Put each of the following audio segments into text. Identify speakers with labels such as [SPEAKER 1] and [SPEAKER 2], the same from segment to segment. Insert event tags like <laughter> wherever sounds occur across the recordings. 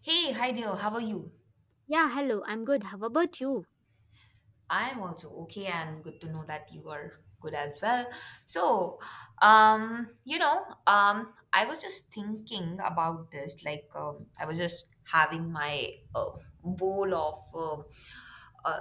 [SPEAKER 1] Hey, hi there, how are you?
[SPEAKER 2] Yeah, hello. I'm good. How about you?
[SPEAKER 1] I'm also okay and good to know that you are good as well. So, I was just thinking about this. I was just having my bowl of uh, uh,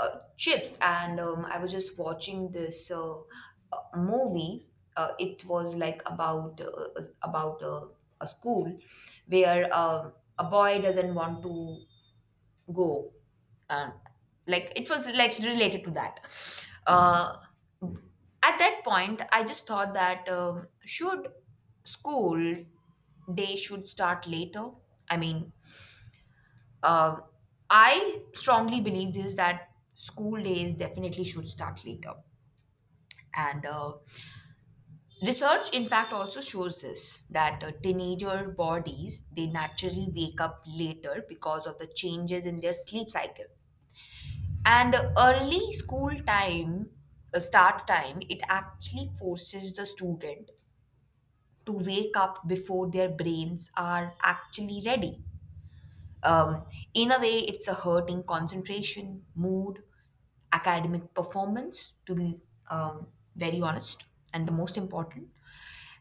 [SPEAKER 1] uh, chips and I was just watching this movie. It was like about a school where a boy doesn't want to go, uh, like it was like related to that. uh, at that point I just thought that should school day should start later? I mean um i strongly believe this, that school days definitely should start later. And Research, in fact, also shows this, that teenager bodies, they naturally wake up later because of the changes in their sleep cycle. And early school time, start time, it actually forces the student to wake up before their brains are actually ready. Um, in a way, it's a hurting concentration, mood, academic performance, to be um, very honest, and the most important.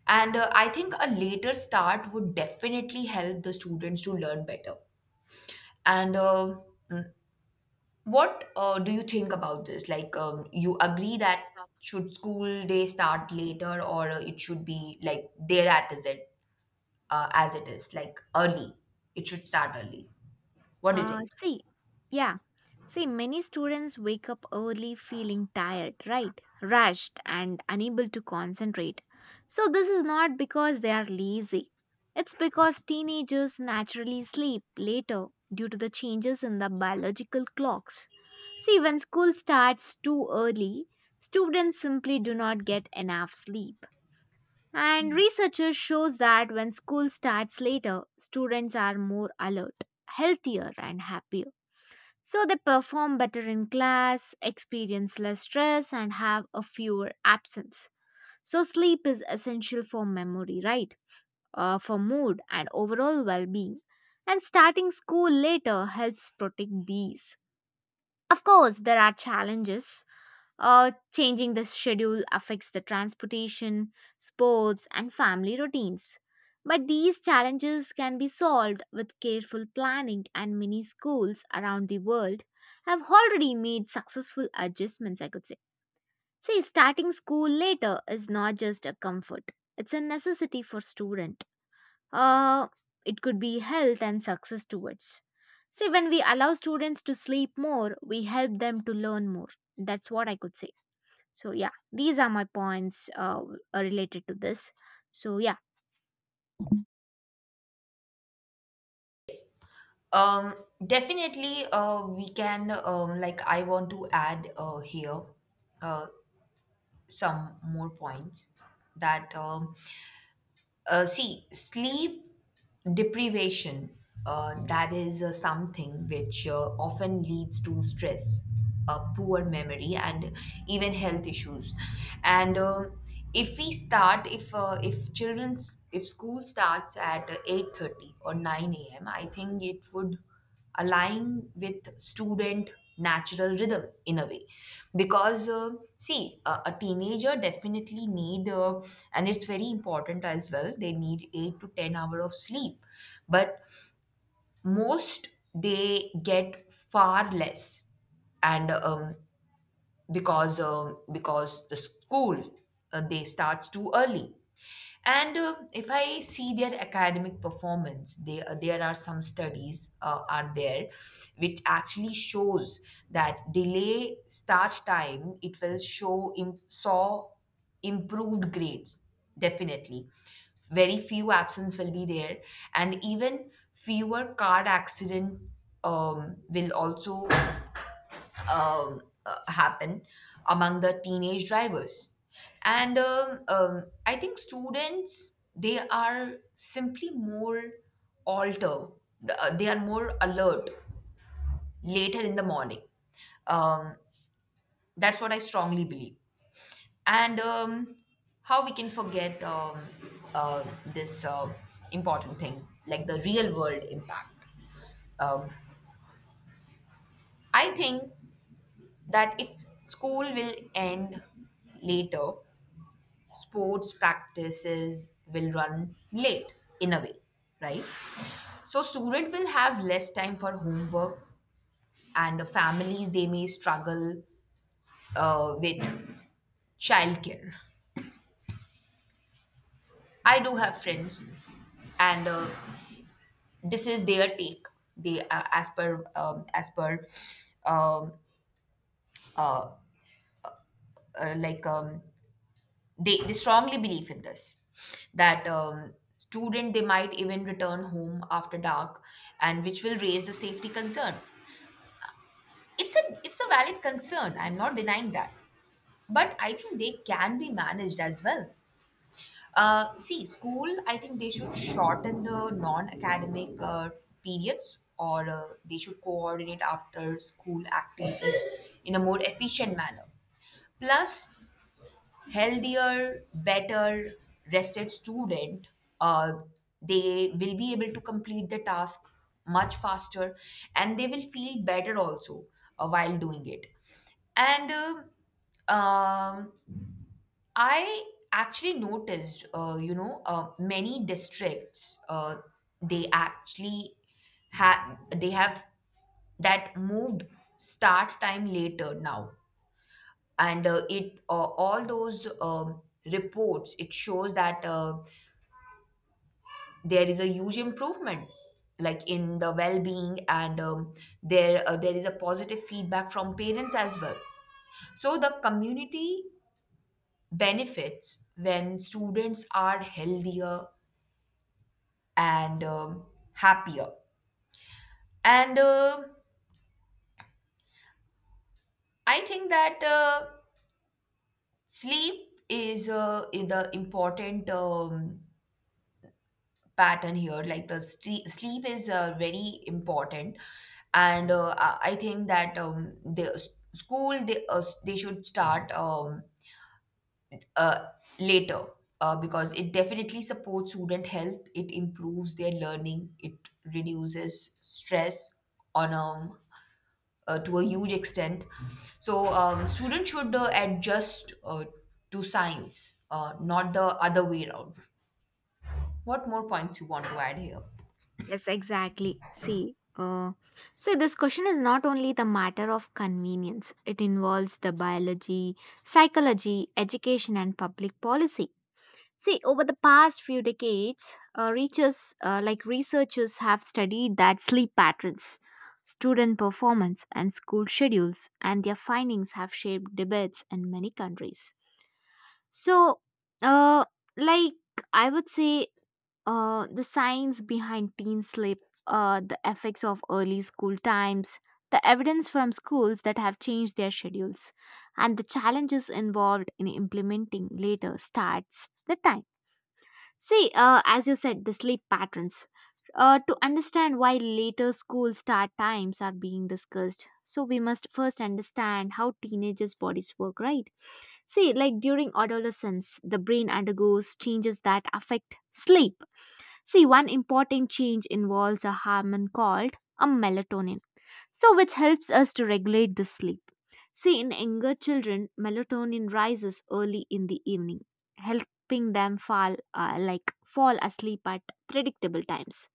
[SPEAKER 1] And I think a later start would definitely help the students to learn better. And uh, mm, What do you think about this? You agree that
[SPEAKER 2] Yeah.
[SPEAKER 1] should school day start later, or it should be like there at, is it as it is, like early? It should start early. What do you
[SPEAKER 2] Uh,
[SPEAKER 1] think?
[SPEAKER 2] see, yeah. See, many students wake up early feeling tired, right? Rushed and unable to concentrate. So, this is not because they are lazy. It's because teenagers naturally sleep later due to the changes in the biological clocks. See, when school starts too early, students simply do not get enough sleep. And researchers shows that when school starts later, students are more alert, healthier and happier. So they perform better in class, experience less stress and have a fewer absence. So sleep is essential for memory, right? For mood and overall well-being. And starting school later helps protect these. Of course, there are challenges. Changing the schedule affects the transportation, sports, and family routines. But these challenges can be solved with careful planning, and many schools around the world have already made successful adjustments, I could say. See, starting school later is not just a comfort, it's a necessity for student. Uh, it could be health and success towards. See, when we allow students to sleep more, we help them to learn more. That's what I could say. So yeah, these are my points related to this. So yeah,
[SPEAKER 1] Um, Definitely, we can, I want to add here uh, some more points, that see, sleep deprivation, that is something which often leads to stress, poor memory, and even health issues. And if we start, if children's if school starts at 8:30 or nine a.m., I think it would align with student natural rhythm in a way, because a teenager definitely need and it's very important as well, they need 8 to 10 hour of sleep, but most they get far less. And um, because uh, because the school, they starts too early. And if I see their academic performance, there are some studies are there which actually shows that delay start time, it will show saw improved grades definitely, very few absence will be there, and even fewer car accident will also um, happen among the teenage drivers. And I think students, they are simply more alter they are more alert later in the morning. um, that's what I strongly believe. And um, how we can forget this important thing, like the real world impact. um, I think that if school will end later, sports practices will run late, in a way, right? So student will have less time for homework, and the families, they may struggle with childcare. I do have friends, and this is their take. They, as per as per um, uh, uh, like um, they strongly believe in this, that student, they might even return home after dark, and which will raise a safety concern. It's a valid concern, I'm not denying that, but I think they can be managed as well. See, school, I think they should shorten the non-academic periods, or they should coordinate after school activities in a more efficient manner. Plus, healthier, better rested student, uh, they will be able to complete the task much faster, and they will feel better also while doing it. And um, I actually noticed, many districts, they actually they have that moved start time later now. And uh, it uh, all those reports, it shows that there is a huge improvement, like in the well-being. And there is a positive feedback from parents as well, so the community benefits when students are healthier and happier. And I think that sleep is, is the important pattern here. Like, sleep is very important. And I think that the s- school, they should start uh, later, because it definitely supports student health, it improves their learning, it reduces stress on a to a huge extent. So students should adjust to science, not the other way around. What more points you want to add here?
[SPEAKER 2] yes, exactly. So this question is not only the matter of convenience; it involves the biology, psychology, education, and public policy. See, over the past few decades, researchers researchers have studied that sleep patterns, student performance, and school schedules, and their findings have shaped debates in many countries. So, uh, like I would say, the science behind teen sleep, the effects of early school times, the evidence from schools that have changed their schedules, and the challenges involved in implementing later starts the time. As you said, the sleep patterns. To understand why later school start times are being discussed, so we must first understand how teenagers' bodies work, right? See, like during adolescence, the brain undergoes changes that affect sleep. See, one important change involves a hormone called a melatonin, so which helps us to regulate the sleep. See, in younger children, melatonin rises early in the evening, helping them fall fall asleep at predictable times.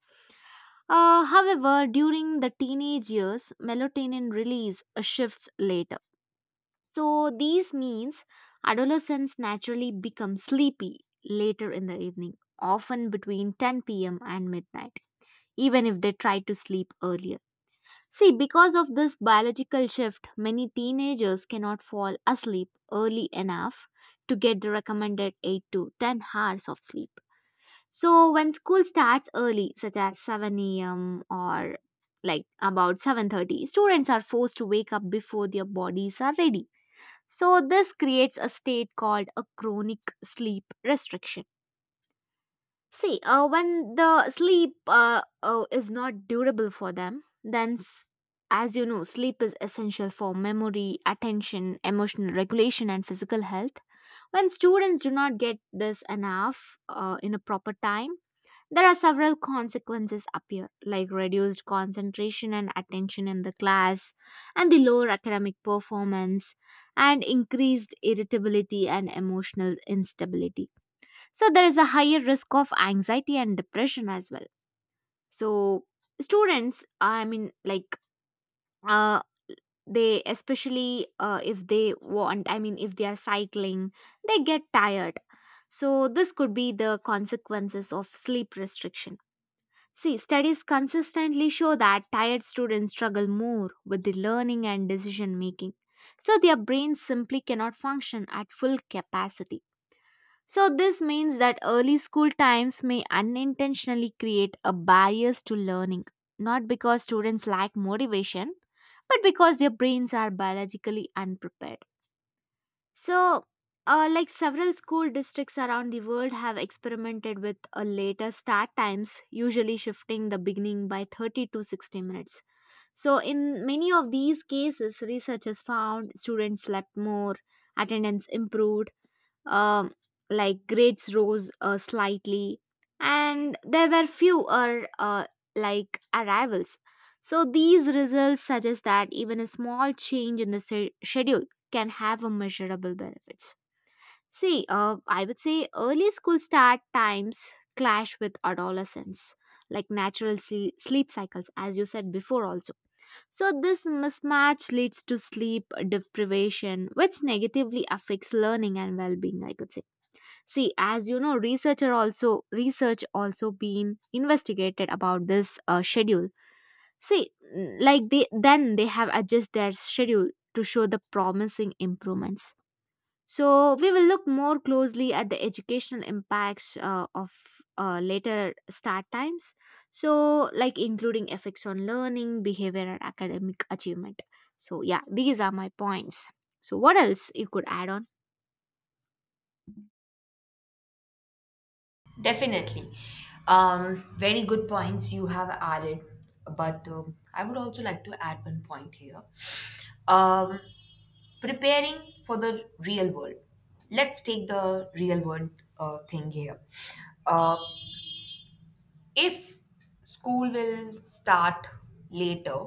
[SPEAKER 2] However, during the teenage years, melatonin release shifts later so these means adolescents naturally become sleepy later in the evening, often between 10 p.m. and midnight, even if they try to sleep earlier. See, because of this biological shift, many teenagers cannot fall asleep early enough to get the recommended 8 to 10 hours of sleep. So when school starts early, such as 7 a.m. or like about 7:30, students are forced to wake up before their bodies are ready so this creates a state called a chronic sleep restriction. When the sleep is not durable for them, as you know, sleep is essential for memory, attention, emotional regulation, and physical health. When students do not get this enough in a proper time, there are several consequences appear, like reduced concentration and attention in the class, and the lower academic performance, and increased irritability and emotional instability. So, there is a higher risk of anxiety and depression as well. So, students, uh, they especially if they want, I mean, if they are cycling, they get tired. So, this could be the consequences of sleep restriction. See, studies consistently show that tired students struggle more with the learning and decision making. So, their brains simply cannot function at full capacity. So, this means that early school times may unintentionally create a barriers to learning, not because students lack motivation, but because their brains are biologically unprepared. So several school districts around the world have experimented with a later start times, usually shifting the beginning by 30 to 60 minutes. So, in many of these cases, researchers found students slept more, attendance improved, um, like grades rose slightly, and there were fewer like arrivals. So these results suggest that even a small change in the schedule can have a measurable benefits. I would say early school start times clash with adolescence, like natural sleep cycles, as you said before, also. So, this mismatch leads to sleep deprivation, which negatively affects learning and well being, I could say. See, as you know, researcher also research also been investigated about this schedule. See n- like they then they have adjusted their schedule to show the promising improvements. So we will look more closely at the educational impacts of later start times, so like including effects on learning behavior and academic achievement. So yeah, these are my points. So what else you could add on?
[SPEAKER 1] Definitely. Very good points you have added, but I would also like to add one point here. Um, Preparing for the real world. Let's take the real world thing here. Uh, if school will start later,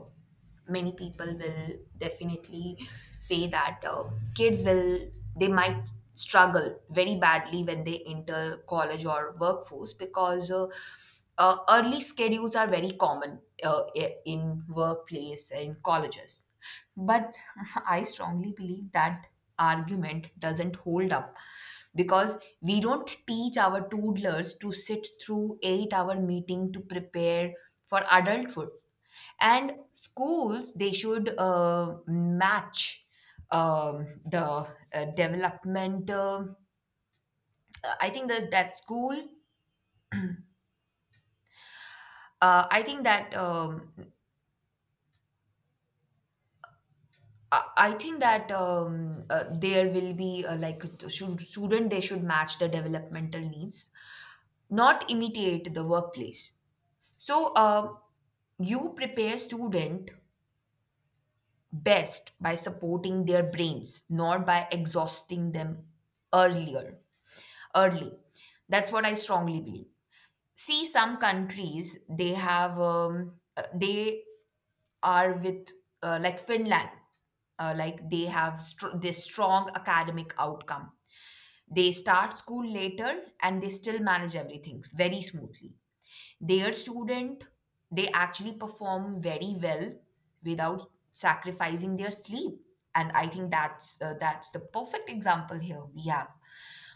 [SPEAKER 1] many people will definitely say that kids they might struggle very badly when they enter college or workforce, because early schedules are very common in workplace, in colleges. But <laughs> I strongly believe that argument doesn't hold up, because we don't teach our toddlers to sit through 8-hour meeting to prepare for adulthood. And schools, they should match the development I think that that school I think that I think that there will be like should, student, they should match the developmental needs, not imitate the workplace. So, you prepare student best by supporting their brains, not by exhausting them earlier. Early, that's what I strongly believe. See, some countries, they are with, like, Finland, they have this strong academic outcome. They start school later, and they still manage everything very smoothly. Their student, they actually perform very well without sacrificing their sleep. And I think that's the perfect example here we have.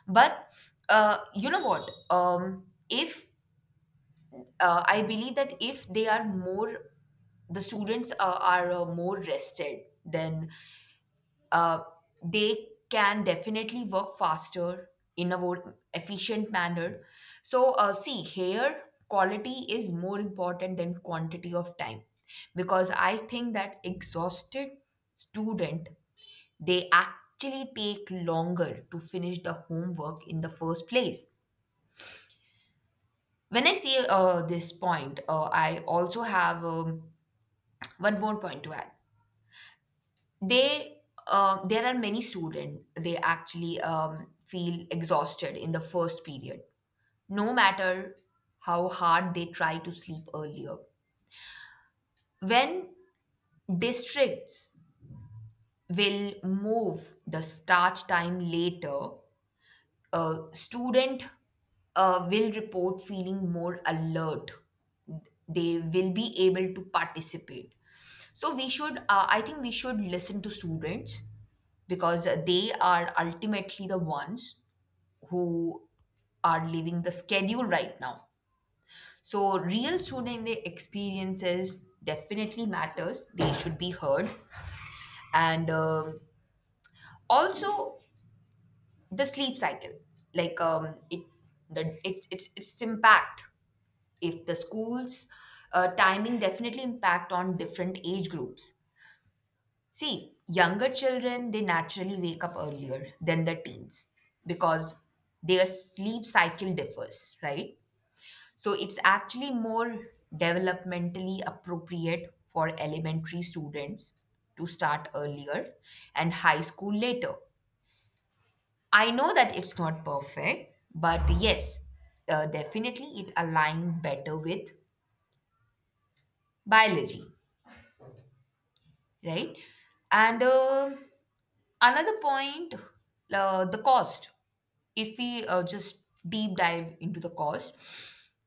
[SPEAKER 1] But you know what? If I believe that if the students are more rested, then uh, they can definitely work faster in a more efficient manner. So, see, here quality is more important than quantity of time, because I think that exhausted student, they actually take longer to finish the homework in the first place. When I say this point, I also have one more point to add. They There are many students, they actually feel exhausted in the first period, no matter how hard they try to sleep earlier. When districts will move the start time later, a student will report feeling more alert, they will be able to participate. So we should, I think we should listen to students, because they are ultimately the ones who are living the schedule right now. So real student experiences definitely matters, they should be heard. And also, the sleep cycle, like, it, the it, it's impact, if the schools timing definitely impact on different age groups. See, younger children, they naturally wake up earlier than the teens, because their sleep cycle differs, right? So it's actually more developmentally appropriate for elementary students to start earlier and high school later. I know that it's not perfect, but yes, definitely it aligns better with biology, right? And another point, the cost. If we just deep dive into the cost,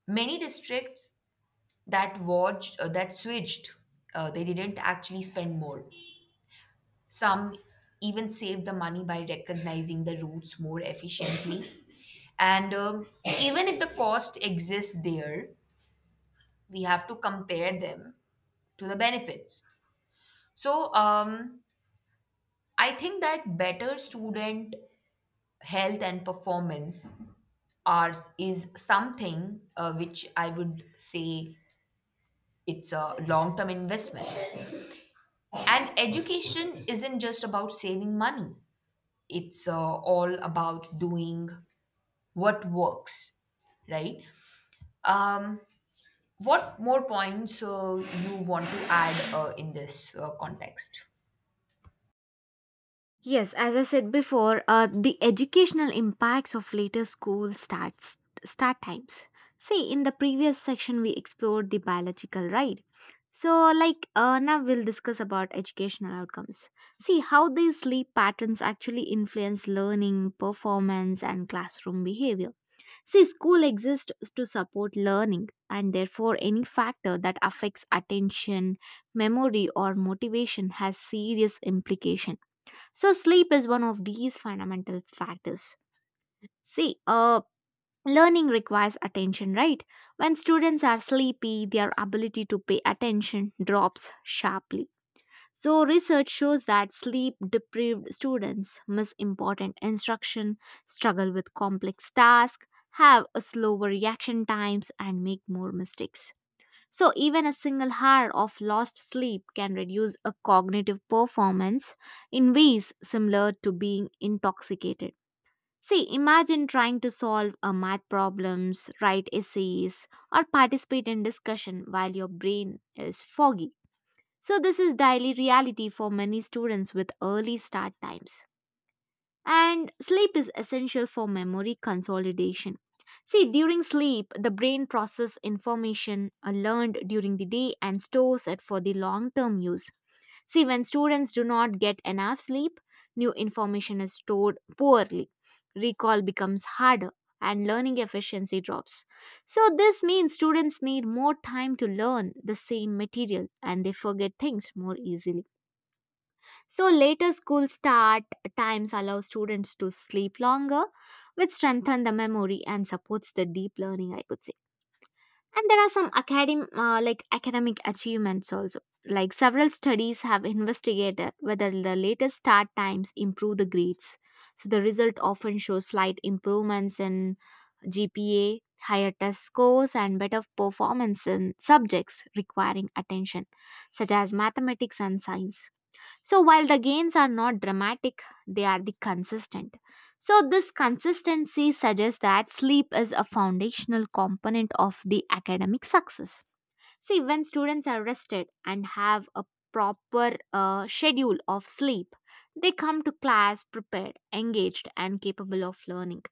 [SPEAKER 1] many districts that watched that switched, they didn't actually spend more. Some even save the money by recognizing the routes more efficiently. And Even if the cost exists there, we have to compare them to the benefits. So, I think that better student health and performance are is something which I would say it's a long term investment. And education isn't just about saving money; it's all about doing what works, right? um what more points you want to add in this context?
[SPEAKER 2] Yes, as I said before, the educational impacts of later school start times. See, in the previous section we explored the biological right. So now we'll discuss about educational outcomes. See how these sleep patterns actually influence learning, performance, and classroom behavior. See, school exists to support learning, and therefore any factor that affects attention, memory, or motivation has serious implication. So sleep is one of these fundamental factors. See, uh, learning requires attention, right? When students are sleepy, their ability to pay attention drops sharply. So research shows that sleep deprived students miss important instruction, struggle with complex tasks, have a slower reaction times and make more mistakes. So, even a single hour of lost sleep can reduce a cognitive performance in ways similar to being intoxicated. See, imagine trying to solve a math problems, write essays, or participate in discussion while your brain is foggy. So, this is daily reality for many students with early start times. And sleep is essential for memory consolidation. See, during sleep, the brain processes information learned during the day and stores it for the long term use. See, when students do not get enough sleep, new information is stored poorly, recall becomes harder, and learning efficiency drops. So, this means students need more time to learn the same material and they forget things more easily. So later school start times allow students to sleep longer, which strengthen the memory and supports the deep learning, I could say. And there are some academic, academic achievements also. Like several studies have investigated whether the latest start times improve the grades. So the result often shows slight improvements in GPA, higher test scores, and better performance in subjects requiring attention, such as mathematics and science. So while the gains are not dramatic, they are the consistent. So this consistency suggests that sleep is a foundational component of the academic success. See, when students are rested and have a proper schedule of sleep, they come to class prepared, engaged, and capable of learning.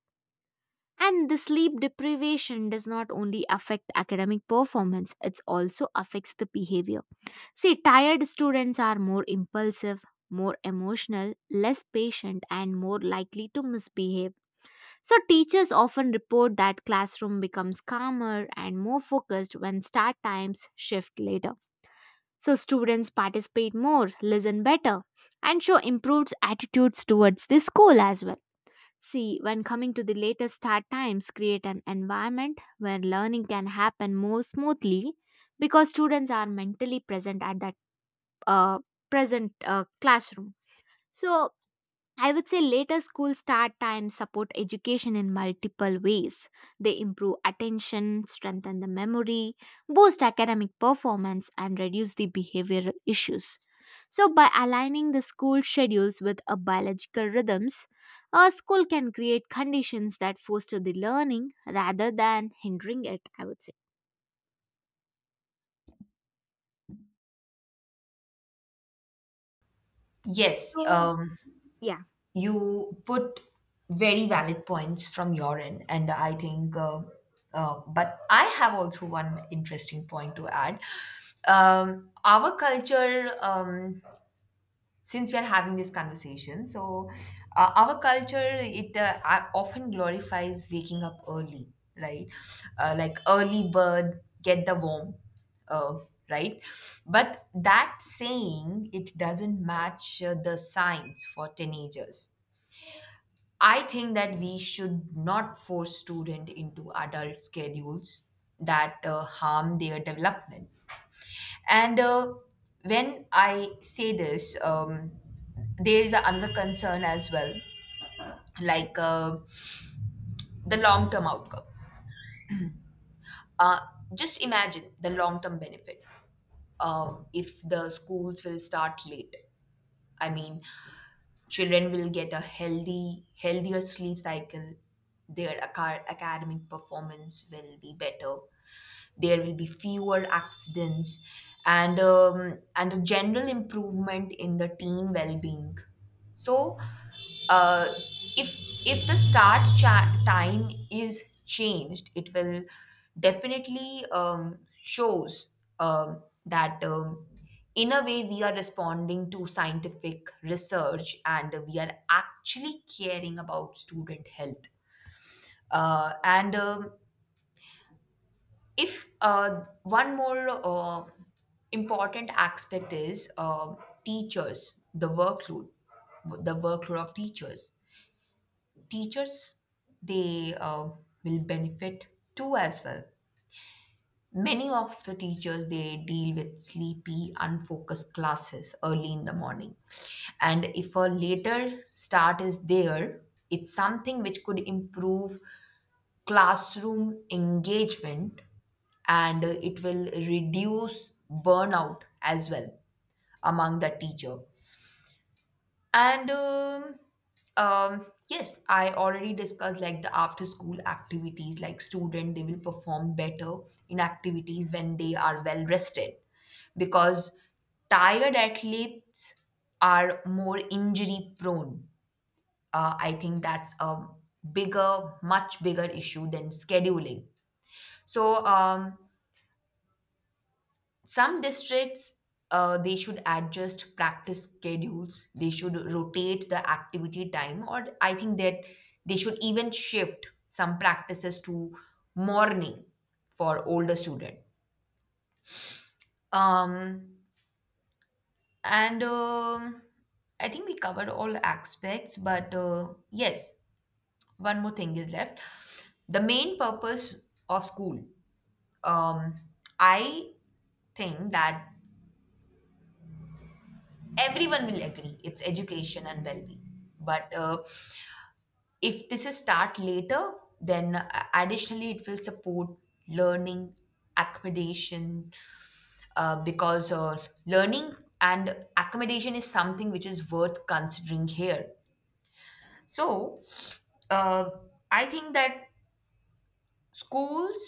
[SPEAKER 2] And the sleep deprivation does not only affect academic performance, it also affects the behavior. See, tired students are more impulsive, more emotional, less patient, and more likely to misbehave. So, teachers often report that classroom becomes calmer and more focused when start times shift later. So, students participate more, listen better, and show improved attitudes towards the school as well. See, when coming to the later start times, create an environment where learning can happen more smoothly because students are mentally present at that uh, present classroom. So I would say later school start times support education in multiple ways. They improve attention, strengthen the memory, boost academic performance, and reduce the behavioral issues. So, by aligning the school schedules with a biological rhythms, a school can create conditions that foster the learning rather than hindering it, I would say.
[SPEAKER 1] yes
[SPEAKER 2] So,
[SPEAKER 1] um
[SPEAKER 2] yeah.
[SPEAKER 1] you put very valid points from your end, and I think but I have also one interesting point to add. Our culture, since we are having this conversation, so our culture, it often glorifies waking up early, right? Like, early bird get the worm, uh, right? But that saying, it doesn't match the science for teenagers. I think that we should not force student into adult schedules that harm their development. And when I say this, there is another concern as well, like, the long term outcome. Uh, just imagine the long term benefit. If the schools will start late, I mean, children will get a healthier sleep cycle. Their academic performance will be better, there will be fewer accidents and a general improvement in the team well-being. So uh, if if the start time is changed, it will definitely shows that in a way, we are responding to scientific research and we are actually caring about student health. And if One more important aspect is teachers, the workload. The workload of teachers. They will benefit too as well. Many of the teachers, they deal with sleepy, unfocused classes early in the morning. And if a later start is there, it's something which could improve classroom engagement, and it will reduce burnout as well among the teacher. And Yes, I already discussed like the after school activities, like student, they will perform better in activities when they are well rested, because tired athletes are more injury prone. I think that's a much bigger issue than scheduling. So, some districts, they should adjust practice schedules, they should rotate the activity time, or I think that they should even shift some practices to morning for older student. Um, and I think we covered all aspects, but yes, one more thing is left: the main purpose of school. um, I think that everyone will agree it's education and well-being. But if this is start later, then additionally, it will support learning accommodation, because learning and accommodation is something which is worth considering here. So uh, I think that schools,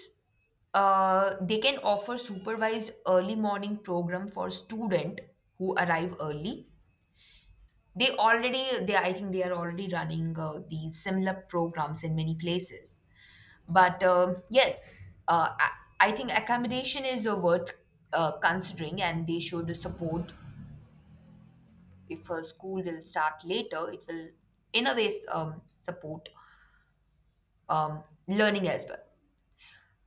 [SPEAKER 1] they can offer supervised early morning program for student who arrive early. They already they I think they are already running these similar programs in many places. But yes, uh, I, I think accommodation is worth considering, and they should support. If a school will start later, it will in a way support um, learning as well.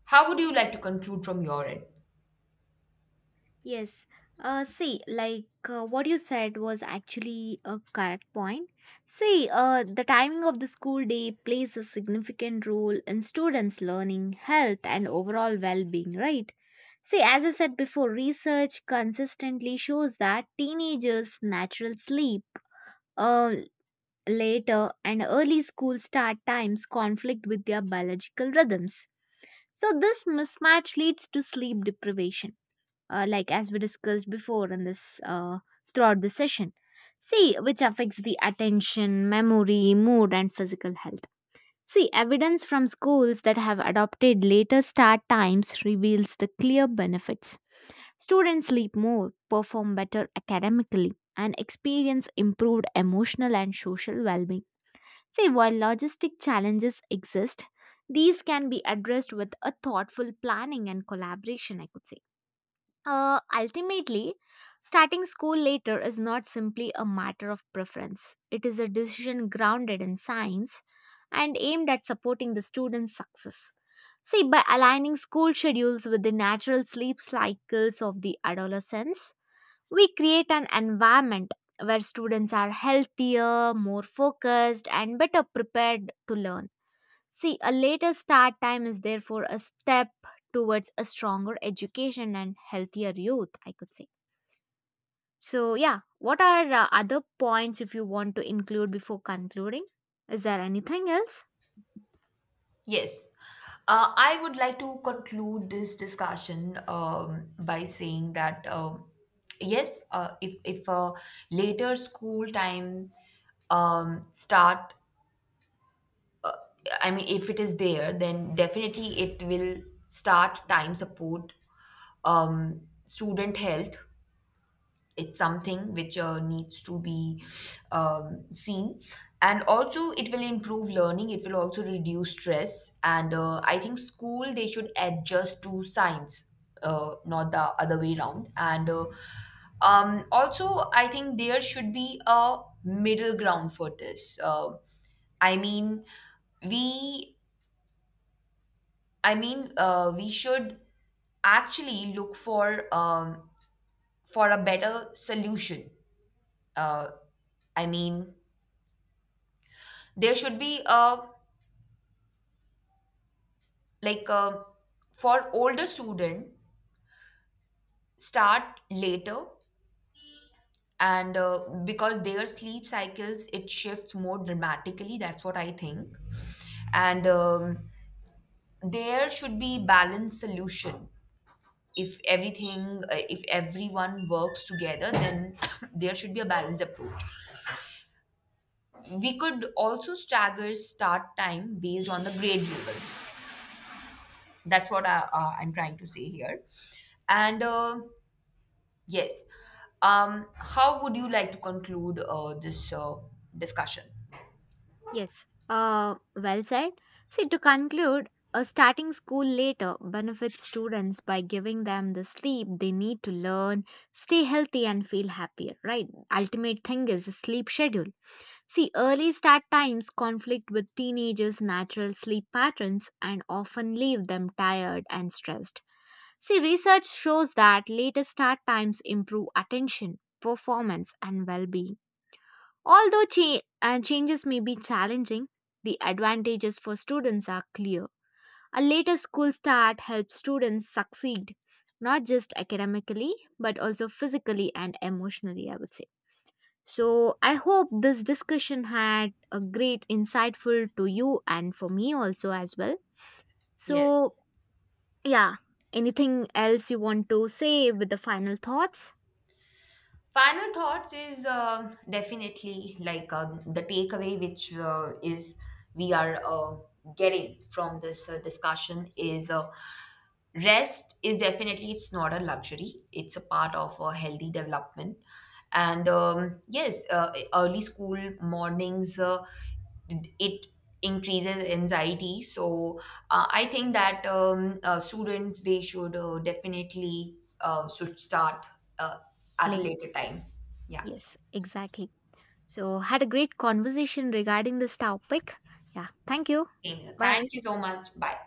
[SPEAKER 1] How would you like to conclude from your end?
[SPEAKER 2] Yes. See, like what you said was actually a correct point. The timing of the school day plays a significant role in students' learning, health, and overall well being, right? See, as I said before, research consistently shows that teenagers' natural sleep, uh, later, and early school start times conflict with their biological rhythms. So, this mismatch leads to sleep deprivation as we discussed before in this throughout the session, see which affects the attention memory mood and physical health. See evidence from schools that have adopted later start times reveals the clear benefits. Students sleep more, perform better academically and experience improved emotional and social well-being. See, while logistic challenges exist, these can be addressed with a thoughtful planning and collaboration, I could say. Uh, ultimately, starting school later is not simply a matter of preference. It is a decision grounded in science and aimed at supporting the student's success. See, by aligning school schedules with the natural sleep cycles of the adolescents, we create an environment where students are healthier, more focused, and better prepared to learn. See, a later start time is therefore a step towards a stronger education and healthier youth, I could say. So, yeah, what are other points if you want to include before concluding? Is there anything else?
[SPEAKER 1] Yes. I would like to conclude this discussion by saying that yes, if a later school time start, I mean, if it is there, then definitely it will start time support student health. It's something which needs to be seen, and also it will improve learning, it will also reduce stress. And I think school, they should adjust to science, not the other way around. And also, I think there should be a middle ground for this. I mean, we we should actually look for a better solution. Uh, i mean there should be a, like a, for older student, start later. And because their sleep cycles, it shifts more dramatically, that's what I think. And There should be balanced solution. If everything if everyone works together, then <coughs> there should be a balanced approach. We could also stagger start time based on the grade levels. That's what I'm trying to say here. And yes. How would you like to conclude this discussion?
[SPEAKER 2] Yes, well said. See, to conclude, a starting school later benefits students by giving them the sleep they need to learn, stay healthy, and feel happier, right? Ultimate thing is the sleep schedule. See, early start times conflict with teenagers' natural sleep patterns and often leave them tired and stressed. See, research shows that later start times improve attention, performance, and well being. Although changes may be challenging, the advantages for students are clear. A later school start helps students succeed, not just academically, but also physically and emotionally, I would say. So I hope this discussion had a great insightful to you and for me also as well.
[SPEAKER 1] Yes.
[SPEAKER 2] So yeah, anything else you want to say with the final thoughts?
[SPEAKER 1] Final thoughts is definitely like the takeaway, which is we are getting from this discussion is, rest is definitely, it's not a luxury; it's a part of a healthy development. And yes, early school mornings, it increases anxiety. So I think that students, they should definitely should start. Uh, at a
[SPEAKER 2] Like
[SPEAKER 1] later time. Yeah,
[SPEAKER 2] yes, exactly. So had a great conversation regarding this topic. Yeah, thank you.
[SPEAKER 1] same here.
[SPEAKER 2] Bye.
[SPEAKER 1] Thank you so much. Bye.